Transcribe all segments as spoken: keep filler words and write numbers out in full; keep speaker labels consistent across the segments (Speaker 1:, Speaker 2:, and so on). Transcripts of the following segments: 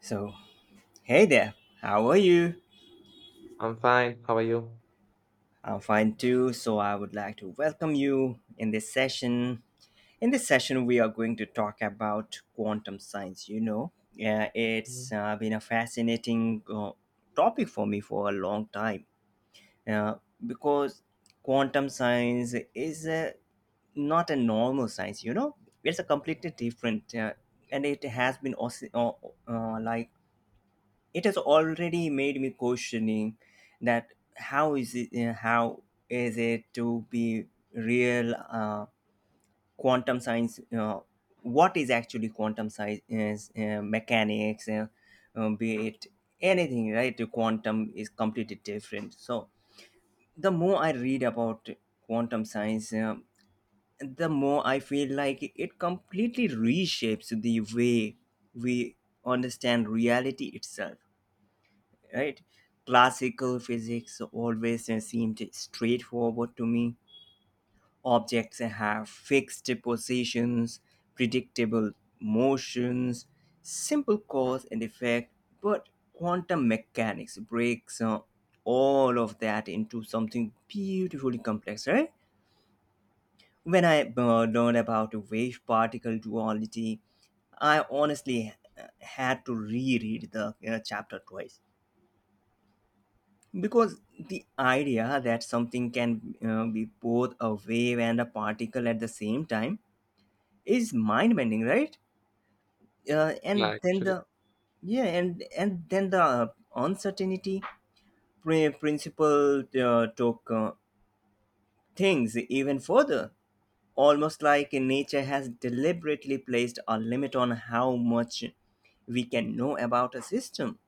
Speaker 1: So, hey there, how are you?
Speaker 2: I'm fine. How are you?
Speaker 1: I'm fine too. So, I would like to welcome you in this session. In this session, we are going to talk about quantum science. You know, yeah, it's
Speaker 2: Mm.
Speaker 1: uh, been a fascinating uh, topic for me for a long time uh, because quantum science is uh, not a normal science, you know, it's a completely different uh, and it has been also, uh, uh, like it has already made me questioning that how is it uh, how is it to be real uh, quantum science uh, what is actually quantum science is uh, mechanics uh, um, be it anything, right? The quantum is completely different, so the more i read about quantum science, um the more i feel like it completely reshapes the way we understand reality itself, right? Classical physics always uh, seemed straightforward to me. Objects have fixed positions, predictable motions, simple cause and effect, but quantum mechanics breaks uh, all of that into something beautifully complex, right? When I uh, learned about wave particle duality, I honestly uh, had to reread the uh, chapter twice. Because the idea that something can uh, be both a wave and a particle at the same time is mind bending, right? Uh,
Speaker 2: Yeah,
Speaker 1: and then
Speaker 2: actually.
Speaker 1: the Yeah, and and then the uncertainty pri- principle uh, took uh, things even further, almost like nature has deliberately placed a limit on how much we can know about a system.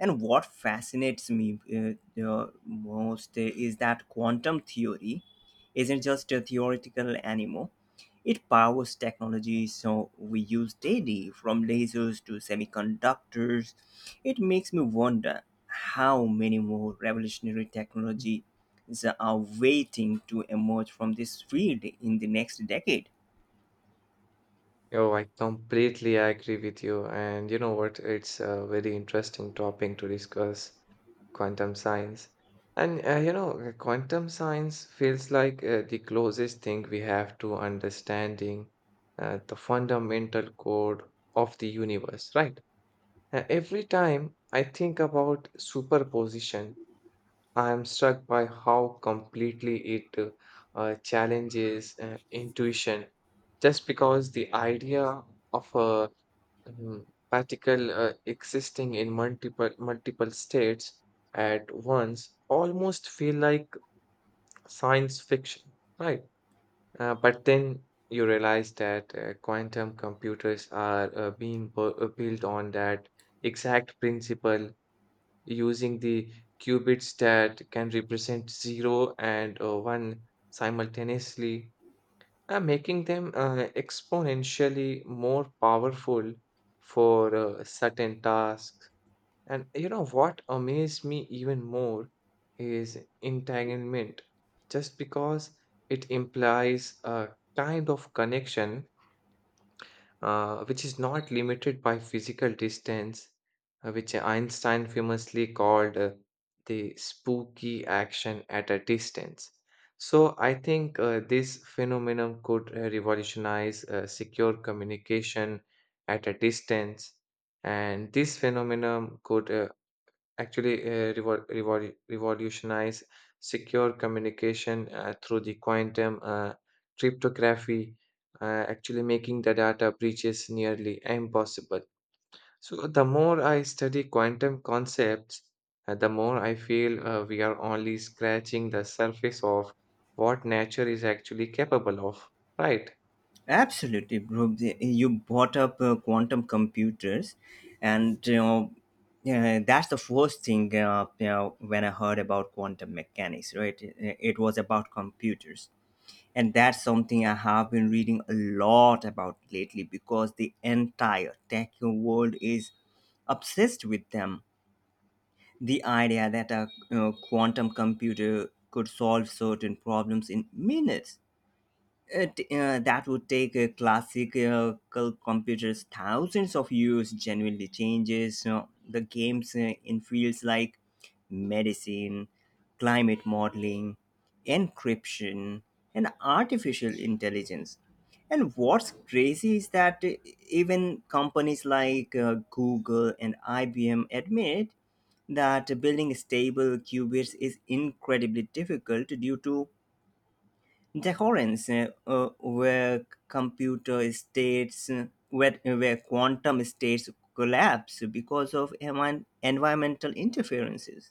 Speaker 1: And what fascinates me uh, uh, most is that quantum theory isn't just a theoretical anymore. It powers technology. So we use daily, from lasers to semiconductors. It makes me wonder how many more revolutionary technologies are waiting to emerge from this field in the next decade.
Speaker 2: Oh, I completely agree with you. And you know what? It's a very interesting topic to discuss, quantum science. And uh, you know, uh, quantum science feels like uh, the closest thing we have to understanding uh, the fundamental code of the universe, right? Uh, every time I think about superposition, I'm struck by how completely it uh, uh, challenges uh, intuition. Just because the idea of a mm, particle uh, existing in multiple multiple states at once almost feel like science fiction, right? Uh, but then you realize that uh, quantum computers are uh, being bu- uh, built on that exact principle, using the qubits that can represent zero and uh, one simultaneously, uh, making them uh, exponentially more powerful for uh, certain tasks. And you know what amazed me even more is entanglement, just because it implies a kind of connection uh, which is not limited by physical distance, uh, which Einstein famously called uh, the spooky action at a distance. So I think uh, this phenomenon could uh, revolutionize uh, secure communication at a distance, and this phenomenon could uh, actually uh, revol- revol- revolutionize secure communication uh, through the quantum uh, cryptography, uh, actually making the data breaches nearly impossible. So, the more I study quantum concepts, uh, the more I feel uh, we are only scratching the surface of what nature is actually capable of, right?
Speaker 1: Absolutely, bro. You brought up uh, quantum computers, and you know, uh, that's the first thing uh, you know, when I heard about quantum mechanics. Right, it, it was about computers, and that's something I have been reading a lot about lately because the entire tech world is obsessed with them. The idea that a you know, quantum computer could solve certain problems in minutes it, uh, that would take a classic uh, cul- computers thousands of years, genuinely changes uh, the games uh, in fields like medicine, climate modeling, encryption, and artificial intelligence. And what's crazy is that uh, even companies like uh, google and ibm admit that building stable qubits is incredibly difficult due to the uh, where computer states, uh, where, where quantum states collapse because of envi- environmental interferences.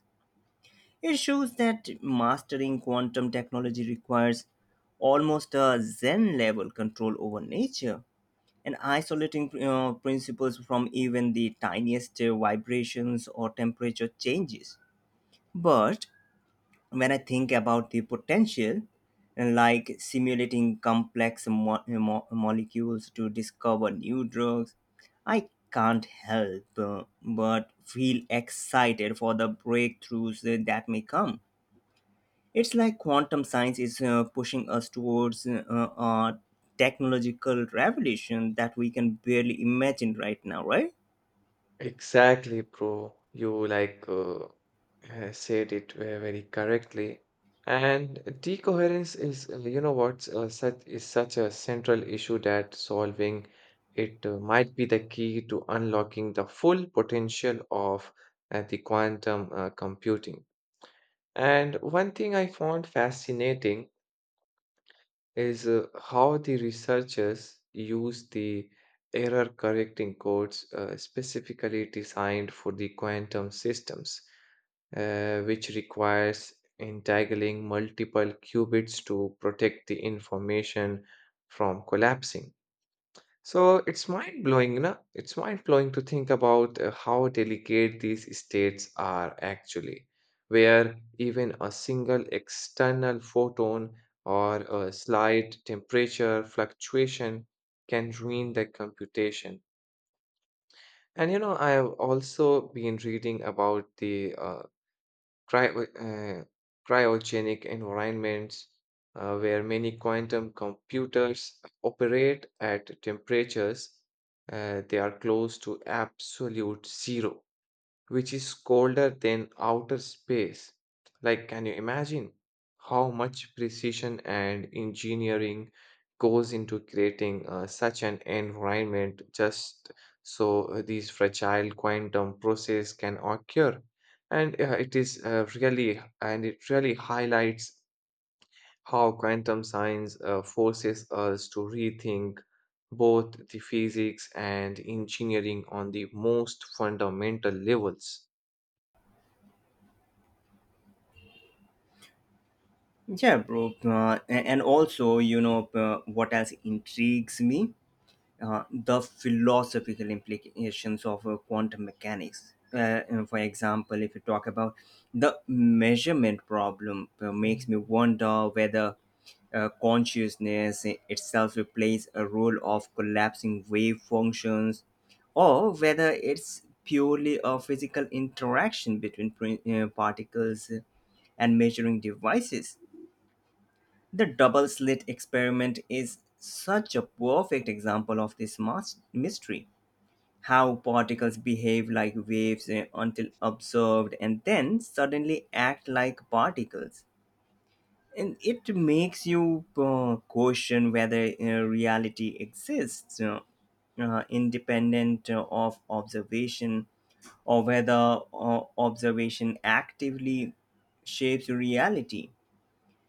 Speaker 1: It shows that mastering quantum technology requires almost a Zen level control over nature and isolating uh, principles from even the tiniest uh, vibrations or temperature changes. But when I think about the potential, and like simulating complex mo- mo- molecules to discover new drugs, I can't help uh, but feel excited for the breakthroughs uh, that may come. It's like quantum science is uh, pushing us towards uh, a technological revolution that we can barely imagine right now, right?
Speaker 2: Exactly, bro. You like uh, uh, said it ve- very correctly. And decoherence is, uh, you know what, uh, such is such a central issue that solving it uh, might be the key to unlocking the full potential of uh, the quantum uh, computing. And one thing I found fascinating is uh, how the researchers use the error correcting codes uh, specifically designed for the quantum systems, uh, which requires entangling multiple qubits to protect the information from collapsing. So it's mind blowing, you know, it's mind blowing to think about uh, how delicate these states are, actually, where even a single external photon or a slight temperature fluctuation can ruin the computation. And you know, I have also been reading about the uh, cryo- uh, cryogenic environments uh, where many quantum computers operate at temperatures uh, they are close to absolute zero, which is colder than outer space. Like, can you imagine how much precision and engineering goes into creating uh, such an environment just so uh, these fragile quantum process can occur? And uh, it is uh, really, and it really highlights how quantum science uh, forces us to rethink both the physics and engineering on the most fundamental levels.
Speaker 1: Yeah, bro. Uh, a- and also, you know, uh, what else intrigues me? uh, the philosophical implications of uh, quantum mechanics. Uh, and for example, if you talk about the measurement problem, uh, makes me
Speaker 2: Mm.
Speaker 1: wonder whether uh, consciousness itself plays a role of collapsing wave functions or whether it's purely a physical interaction between prin- uh, particles and measuring devices. The double slit experiment is such a perfect example of this mas- mystery. How particles behave like waves eh, until observed and then suddenly act like particles. And it makes you uh, question whether uh, reality exists uh, uh, independent uh, of observation or whether uh, observation actively shapes reality.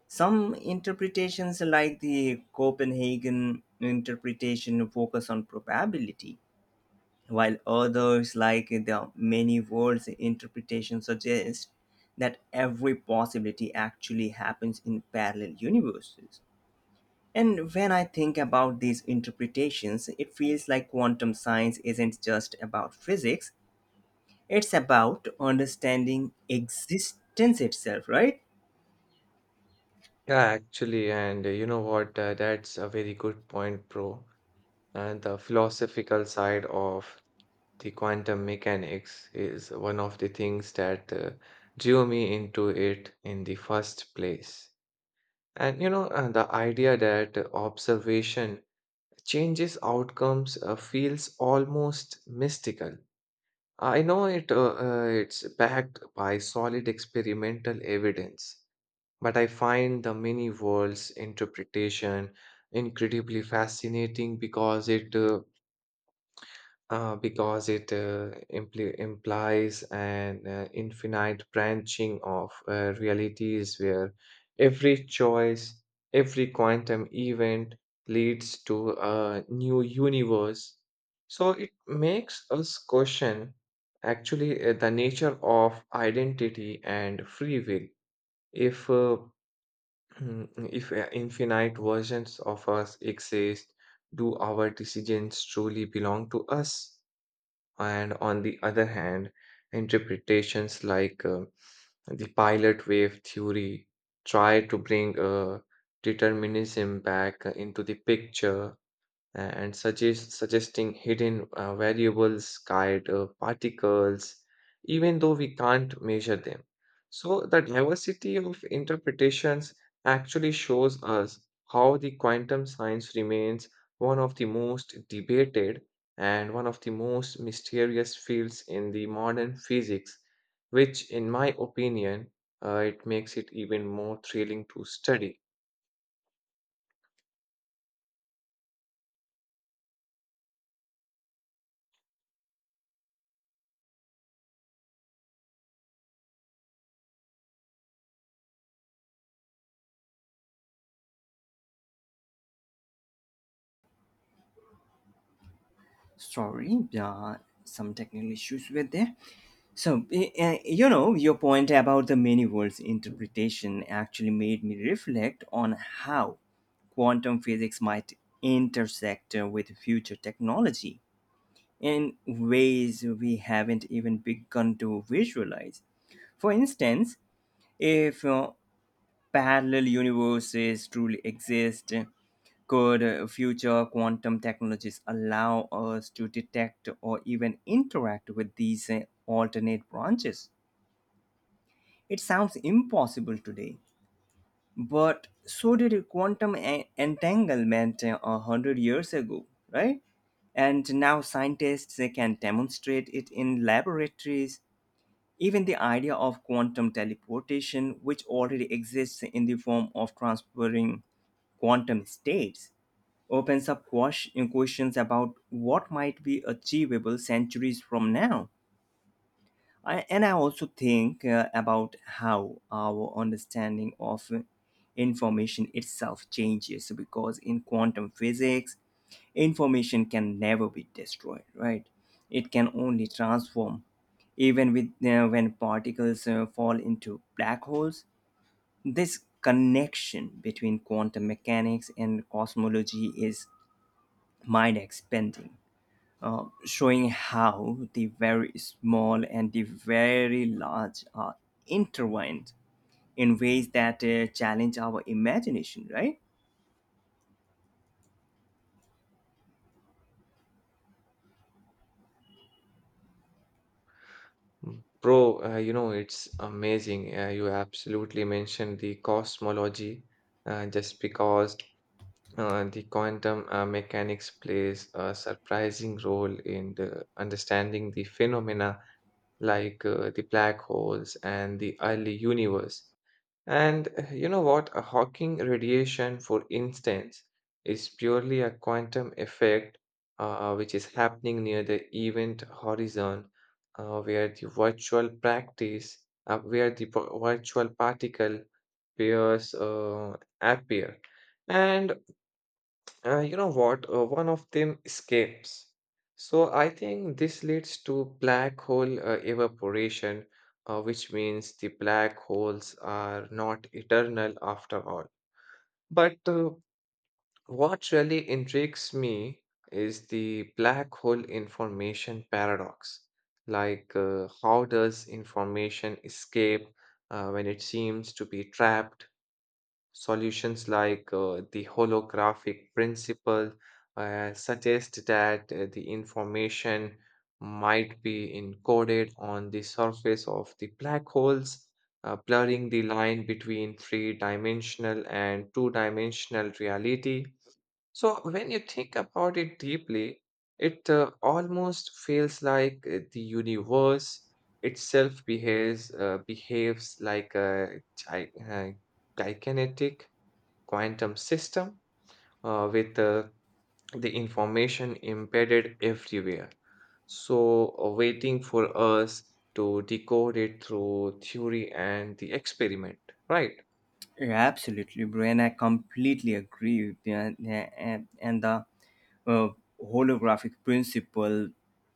Speaker 1: Some interpretations, like the Copenhagen interpretation, focus on probability, while others, like the many worlds interpretation, suggest that every possibility actually happens in parallel universes. And when I think about these interpretations, it feels like quantum science isn't just about physics, it's about understanding existence itself, right?
Speaker 2: Yeah, actually, and uh, you know what? Uh, that's a very good point, bro. And the philosophical side of the quantum mechanics is one of the things that uh, drew me into it in the first place. And you know, uh, the idea that uh, observation changes outcomes uh, feels almost mystical. I know it, uh, uh, it's backed by solid experimental evidence. But I find the many worlds interpretation incredibly fascinating because it uh, uh, because it uh, impli implies an uh, infinite branching of uh, realities where every choice, every quantum event leads to a new universe. So it makes us question, actually, uh, the nature of identity and free will. If uh, Mm, If uh, infinite versions of us exist, do our decisions truly belong to us? And on the other hand, interpretations like uh, the pilot wave theory try to bring uh, determinism back into the picture, uh, and suggest, suggesting hidden uh, variables guide uh, particles, even though we can't measure them. So, the diversity of interpretations actually shows us how the quantum science remains one of the most debated and one of the most mysterious fields in the modern physics, which, in my opinion, uh, it makes it even more thrilling to study.
Speaker 1: Sorry, yeah, some technical issues were there. So, eh, eh, you know, your point about the many worlds interpretation actually made me reflect on how quantum physics might intersect uh, with future technology in ways we haven't even begun to visualize. For instance, if uh, parallel universes truly exist? Could uh, future quantum technologies allow us to detect or even interact with these uh, alternate branches? It sounds impossible today, but so did quantum en- entanglement uh, a hundred years ago, right? And now scientists uh, can demonstrate it in laboratories. Even the idea of quantum teleportation, which already exists in the form of transferring quantum states, opens up quash- questions about what might be achievable centuries from now. I, and I also think uh, about how our understanding of information itself changes because in quantum physics, information can never be destroyed, right? It can only transform. Even with uh, when particles uh, fall into black holes, this connection between quantum mechanics and cosmology is mind expanding, uh, showing how the very small and the very large are intertwined in ways that uh, challenge our imagination, right?
Speaker 2: Mm. Bro, uh, you know, it's amazing. Uh, you absolutely mentioned the cosmology, uh, just because uh, the quantum uh, mechanics plays a surprising role in the understanding the phenomena like uh, the black holes and the early universe. And uh, you know what? A Hawking radiation, for instance, is purely a quantum effect uh, which is happening near the event horizon, uh, where the virtual practice, uh, where the p- virtual particle appears, uh, appear. And uh, you know what? Uh, one of them escapes. So I think this leads to black hole uh, evaporation, uh, which means the black holes are not eternal after all. But uh, what really intrigues me is the black hole information paradox. Like, uh, how does information escape uh, when it seems to be trapped? Solutions like uh, the holographic principle uh, suggest that uh, the information might be encoded on the surface of the black holes, uh, blurring the line between three dimensional and two dimensional reality. So, when you think about it deeply, it uh, almost feels like uh, the universe itself behaves uh, behaves like a gi- uh, gigantic quantum system uh, with uh, the information embedded everywhere. So, uh, waiting for us to decode it through theory and the experiment, right?
Speaker 1: Yeah, absolutely, Brian. I completely agree. With you. And, and and the uh, holographic principle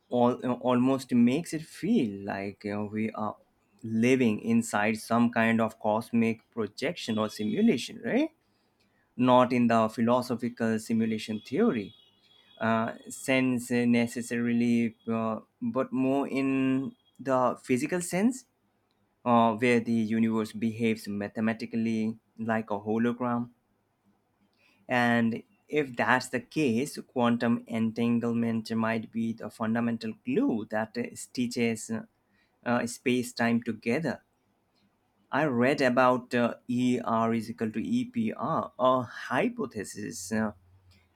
Speaker 1: all, almost makes it feel like, you know, we are living inside some kind of cosmic projection or simulation, right? Not in the philosophical simulation theory uh, sense necessarily, uh, but more in the physical sense, uh, where the universe behaves mathematically like a hologram. And if that's the case, quantum entanglement might be the fundamental glue that uh, stitches uh, uh, space time together. I read about uh, E R is equal to E P R, a hypothesis. uh,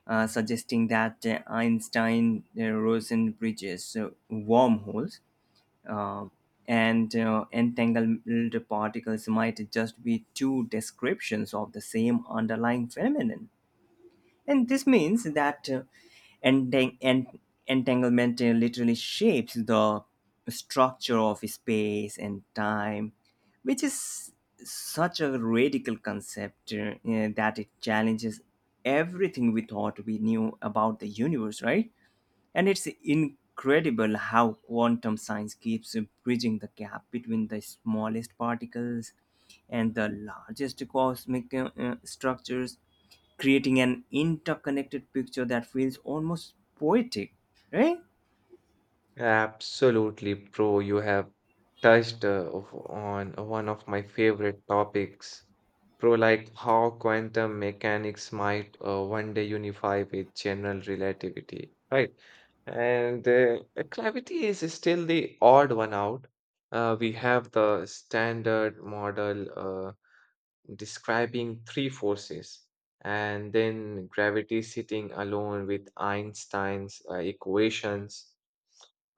Speaker 1: uh, suggesting that uh, Einstein uh, Rosen bridges uh, wormholes uh, and uh, entangled particles might just be two descriptions of the same underlying phenomenon. And this means that uh, entang- en- entanglement uh, literally shapes the structure of space and time, which is such a radical concept uh, uh, that it challenges everything we thought we knew about the universe, right? And it's incredible how quantum science keeps bridging the gap between the smallest particles and the largest cosmic uh, uh, structures, creating an interconnected picture that feels almost poetic, right?
Speaker 2: Absolutely, bro. You have touched uh, of- on uh, one of my favorite topics, bro, like how quantum mechanics might uh, one day unify with general relativity, right? And uh, uh, gravity is still the odd one out. Uh, we have the standard model uh, describing three forces, and then gravity sitting alone with Einstein's uh, equations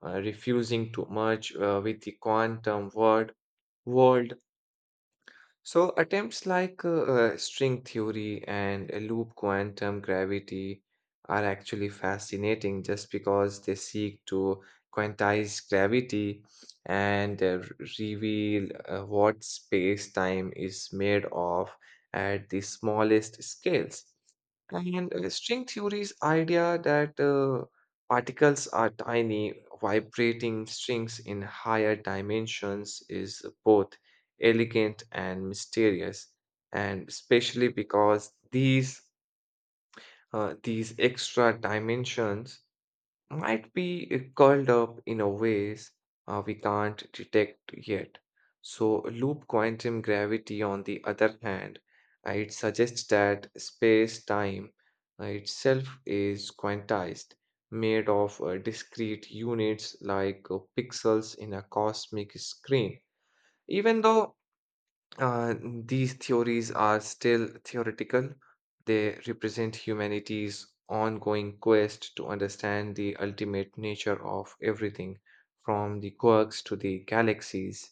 Speaker 2: uh, refusing to merge uh, with the quantum world, world So, attempts like uh, uh, string theory and uh, loop quantum gravity are actually fascinating just because they seek to quantize gravity and uh, r- reveal uh, what space time is made of at the smallest scales. And uh, string theory's idea that uh, particles are tiny, vibrating strings in higher dimensions is both elegant and mysterious, and especially because these uh, these extra dimensions might be uh, curled up in a ways uh, we can't detect yet. So loop quantum gravity, on the other hand, uh, it suggests that space-time uh, itself is quantized, made of uh, discrete units like uh, pixels in a cosmic screen. Even though uh, these theories are still theoretical, they represent humanity's ongoing quest to understand the ultimate nature of everything, from the quirks to the galaxies.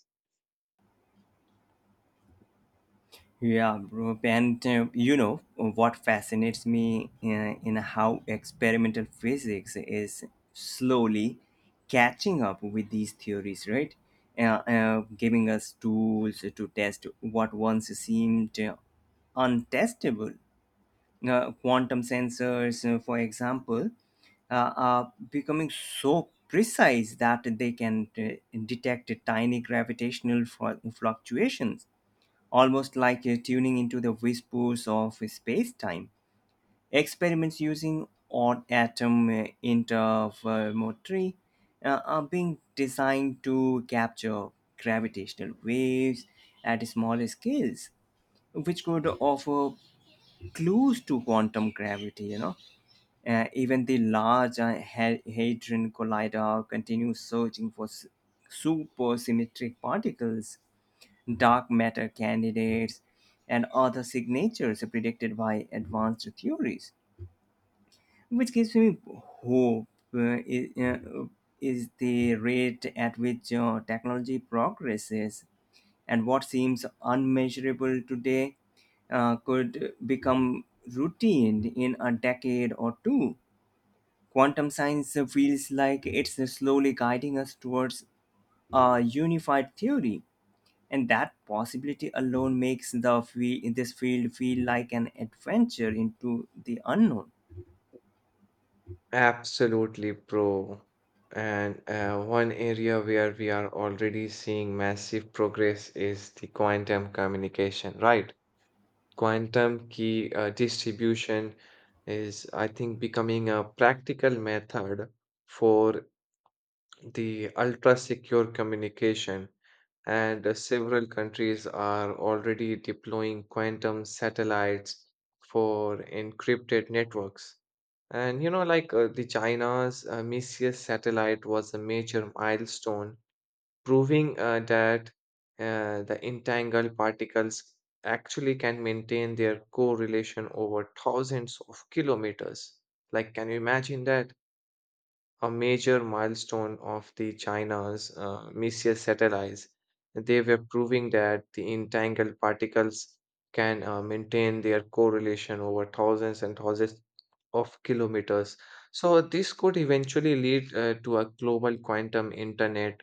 Speaker 1: Yeah, bro. And uh, you know what fascinates me, uh, in how experimental physics is slowly catching up with these theories, right? Uh, uh, Giving us tools to test what once seemed uh, untestable. Uh, quantum sensors, uh, for example, uh, are becoming so precise that they can uh, detect tiny gravitational fl- fluctuations almost like uh, tuning into the whispers of space-time. Experiments using odd atom uh, interferometry uh, are being designed to capture gravitational waves at smaller scales, which could offer clues to quantum gravity. You know, uh, even the Large uh, Ha- Hadron Collider continues searching for s- supersymmetric particles, dark matter candidates, and other signatures predicted by advanced theories, which gives me hope uh, is, uh, is the rate at which uh, technology progresses, and what seems unmeasurable today uh, could become routine in a decade or two. Quantum science feels like it's slowly guiding us towards a unified theory, and that possibility alone makes the fe- this field feel like an adventure into the unknown.
Speaker 2: Absolutely, bro. And uh, one area where we are already seeing massive progress is the quantum communication, right? Quantum key uh, distribution is, I think, becoming a practical method for the ultra secure communication, and uh, several countries are already deploying quantum satellites for encrypted networks. And you know, like uh, the China's uh, Messier satellite was a major milestone, proving uh, that uh, the entangled particles actually can maintain their correlation over thousands of kilometers. Like, can you imagine that? A major milestone of the China's uh, Messier satellites. They were proving that the entangled particles can uh, maintain their correlation over thousands and thousands of kilometers. So this could eventually lead uh, to a global quantum internet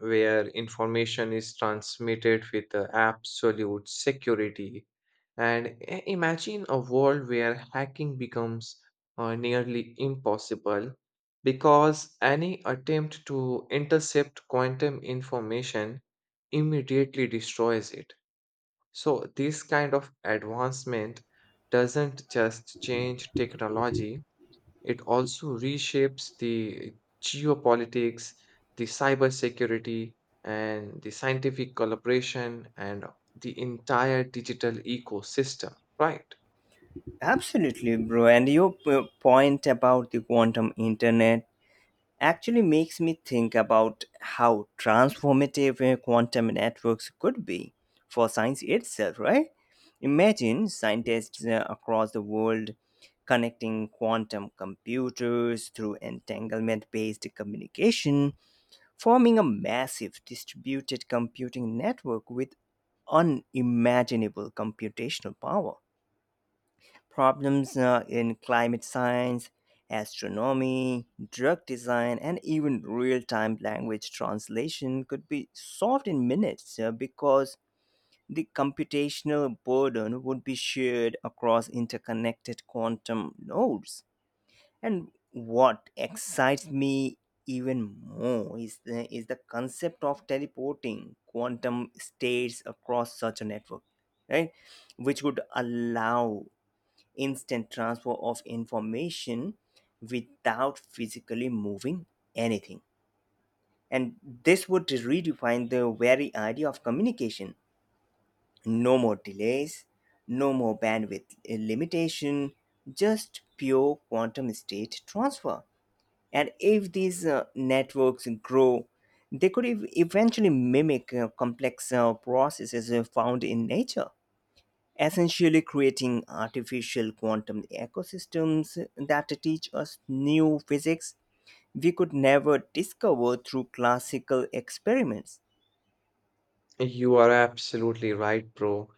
Speaker 2: where information is transmitted with uh, absolute security, and i- imagine a world where hacking becomes uh, nearly impossible because any attempt to intercept quantum information immediately destroys it. So, this kind of advancement doesn't just change technology, it also reshapes the geopolitics, the cybersecurity, and the scientific collaboration, and the entire digital ecosystem, right?
Speaker 1: Absolutely, bro. And your p- point about the quantum internet actually makes me think about how transformative uh, quantum networks could be for science itself, right? Imagine scientists uh, across the world connecting quantum computers through entanglement based communication, forming a massive distributed computing network with unimaginable computational power. Problems uh, in climate science, astronomy, drug design, and even real time language translation could be solved in minutes uh, because the computational burden would be shared across interconnected quantum nodes. And what excites me even more is the, is the concept of teleporting quantum states across such a network, right? Which would allow instant transfer of information without physically moving anything. And this would redefine the very idea of communication. No more delays, no more bandwidth limitation, just pure quantum state transfer. And if these uh, networks grow, they could ev- eventually mimic uh, complex uh, processes uh, found in nature, essentially creating artificial quantum ecosystems that teach us new physics we could never discover through classical experiments.
Speaker 2: You are absolutely right, bro.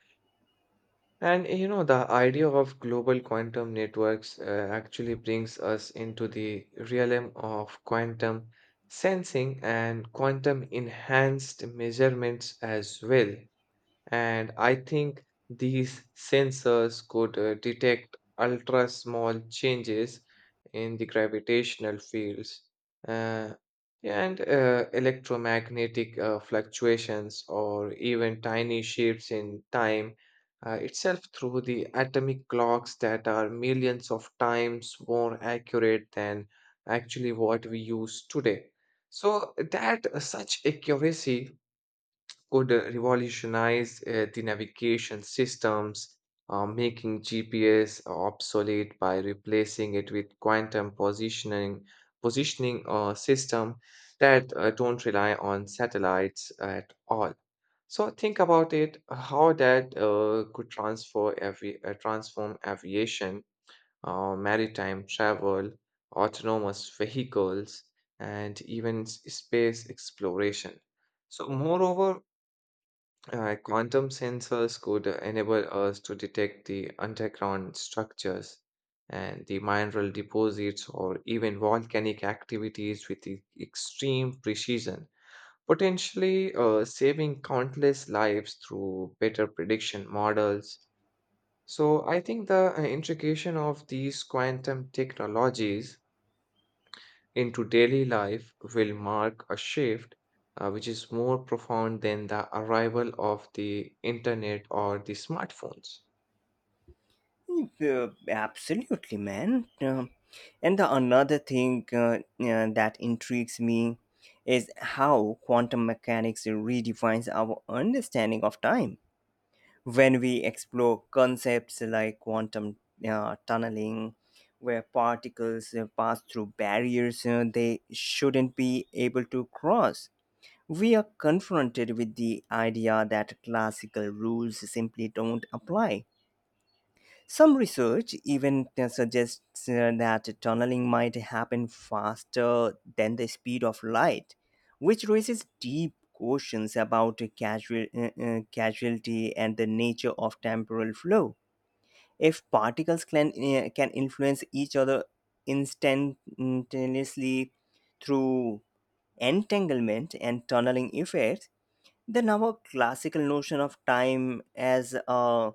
Speaker 2: And you know, the idea of global quantum networks uh, actually brings us into the realm of quantum sensing and quantum enhanced measurements as well. And I think these sensors could uh, detect ultra small changes in the gravitational fields uh, and uh, electromagnetic uh, fluctuations, or even tiny shifts in time uh, itself, through the atomic clocks that are millions of times more accurate than actually what we use today. So that uh, such accuracy could uh, revolutionize uh, the navigation systems, uh, making G P S obsolete by replacing it with quantum positioning positioning uh, system that uh, don't rely on satellites at all. So think about it, how that uh, could transfer avi- uh, transform aviation, uh, maritime travel, autonomous vehicles, and even s- space exploration. So, moreover, uh, quantum sensors could enable us to detect the underground structures and the mineral deposits, or even volcanic activities, with e- extreme precision, potentially uh, saving countless lives through better prediction models. So, I think the uh, intrication of these quantum technologies into daily life will mark a shift uh, which is more profound than the arrival of the internet or the smartphones.
Speaker 1: Yeah, absolutely, man. Um, and the another thing uh, uh, that intrigues me is how quantum mechanics redefines our understanding of time. When we explore concepts like quantum uh, tunneling, where particles uh, pass through barriers uh, they shouldn't be able to cross, we are confronted with the idea that classical rules simply don't apply. Some research even uh, suggests uh, that tunneling might happen faster than the speed of light, which raises deep questions about uh, casual, uh, uh, casualty and the nature of temporal flow. If particles can, uh, can influence each other instantaneously through entanglement and tunneling effects, then our classical notion of time as a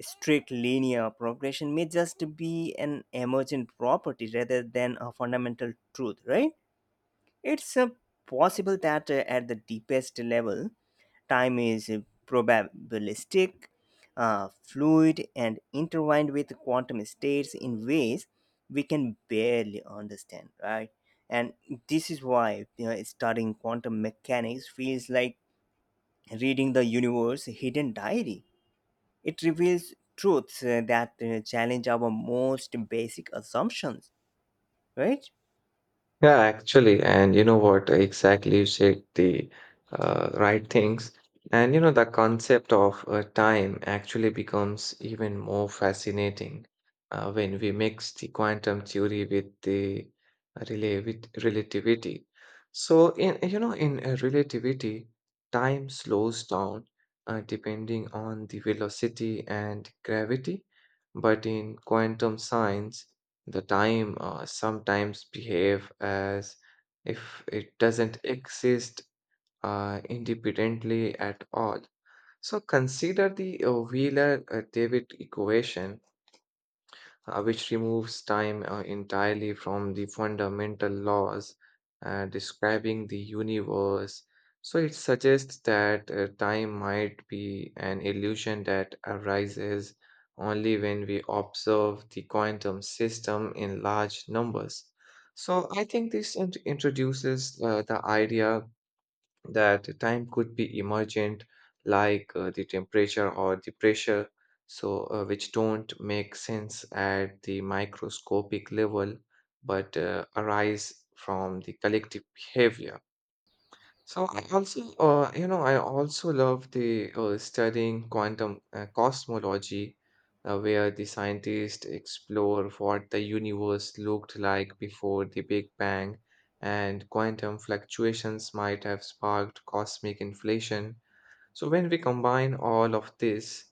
Speaker 1: strict linear progression may just be an emergent property rather than a fundamental truth, right? It's uh, possible that uh, at the deepest level, time is uh, probabilistic, uh, fluid, and intertwined with quantum states in ways we can barely understand, right? And this is why, you know, studying quantum mechanics feels like reading the universe's hidden diary. It reveals truths uh, that uh, challenge our most basic assumptions, right?
Speaker 2: Yeah, actually, and you know what? Exactly, you said the uh, right things. And you know, the concept of uh, time actually becomes even more fascinating uh, when we mix the quantum theory with the relay with relativity. So, in you know, in uh, relativity, time slows down uh, depending on the velocity and gravity, but in quantum science, the time uh, sometimes behave as if it doesn't exist uh, independently at all. So consider the uh, Wheeler-David equation uh, which removes time uh, entirely from the fundamental laws uh, describing the universe. So it suggests that uh, time might be an illusion that arises only when we observe the quantum system in large numbers. So I think this int- introduces uh, the idea that time could be emergent, like uh, the temperature or the pressure, so uh, which don't make sense at the microscopic level but uh, arise from the collective behavior. So I also, uh, you know, I also love the uh, studying quantum uh, cosmology, uh, where the scientists explore what the universe looked like before the Big Bang, and quantum fluctuations might have sparked cosmic inflation. So when we combine all of this,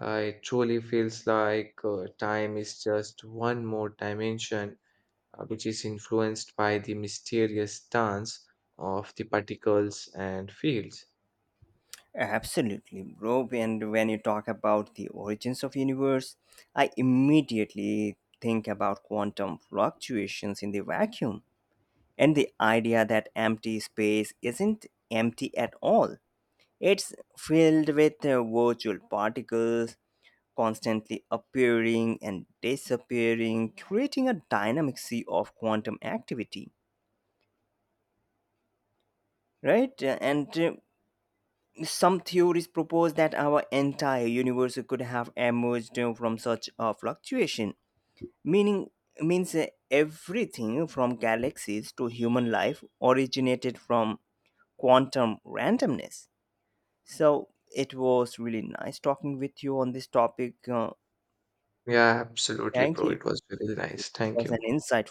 Speaker 2: uh, it truly feels like uh, time is just one more dimension uh, which is influenced by the mysterious dance of the particles and fields.
Speaker 1: Absolutely, bro. And when you talk about the origins of universe, I immediately think about quantum fluctuations in the vacuum and the idea that empty space isn't empty at all. It's filled with uh, virtual particles constantly appearing and disappearing, creating a dynamic sea of quantum activity, right. Uh, and uh, some theories propose that our entire universe could have emerged uh, from such a fluctuation, meaning means uh, everything from galaxies to human life originated from quantum randomness. So it was really nice talking with you on this topic uh,
Speaker 2: Yeah, absolutely,
Speaker 1: Thank
Speaker 2: bro.
Speaker 1: you.
Speaker 2: It was very
Speaker 1: It
Speaker 2: nice. Thank
Speaker 1: was an
Speaker 2: you.
Speaker 1: insight.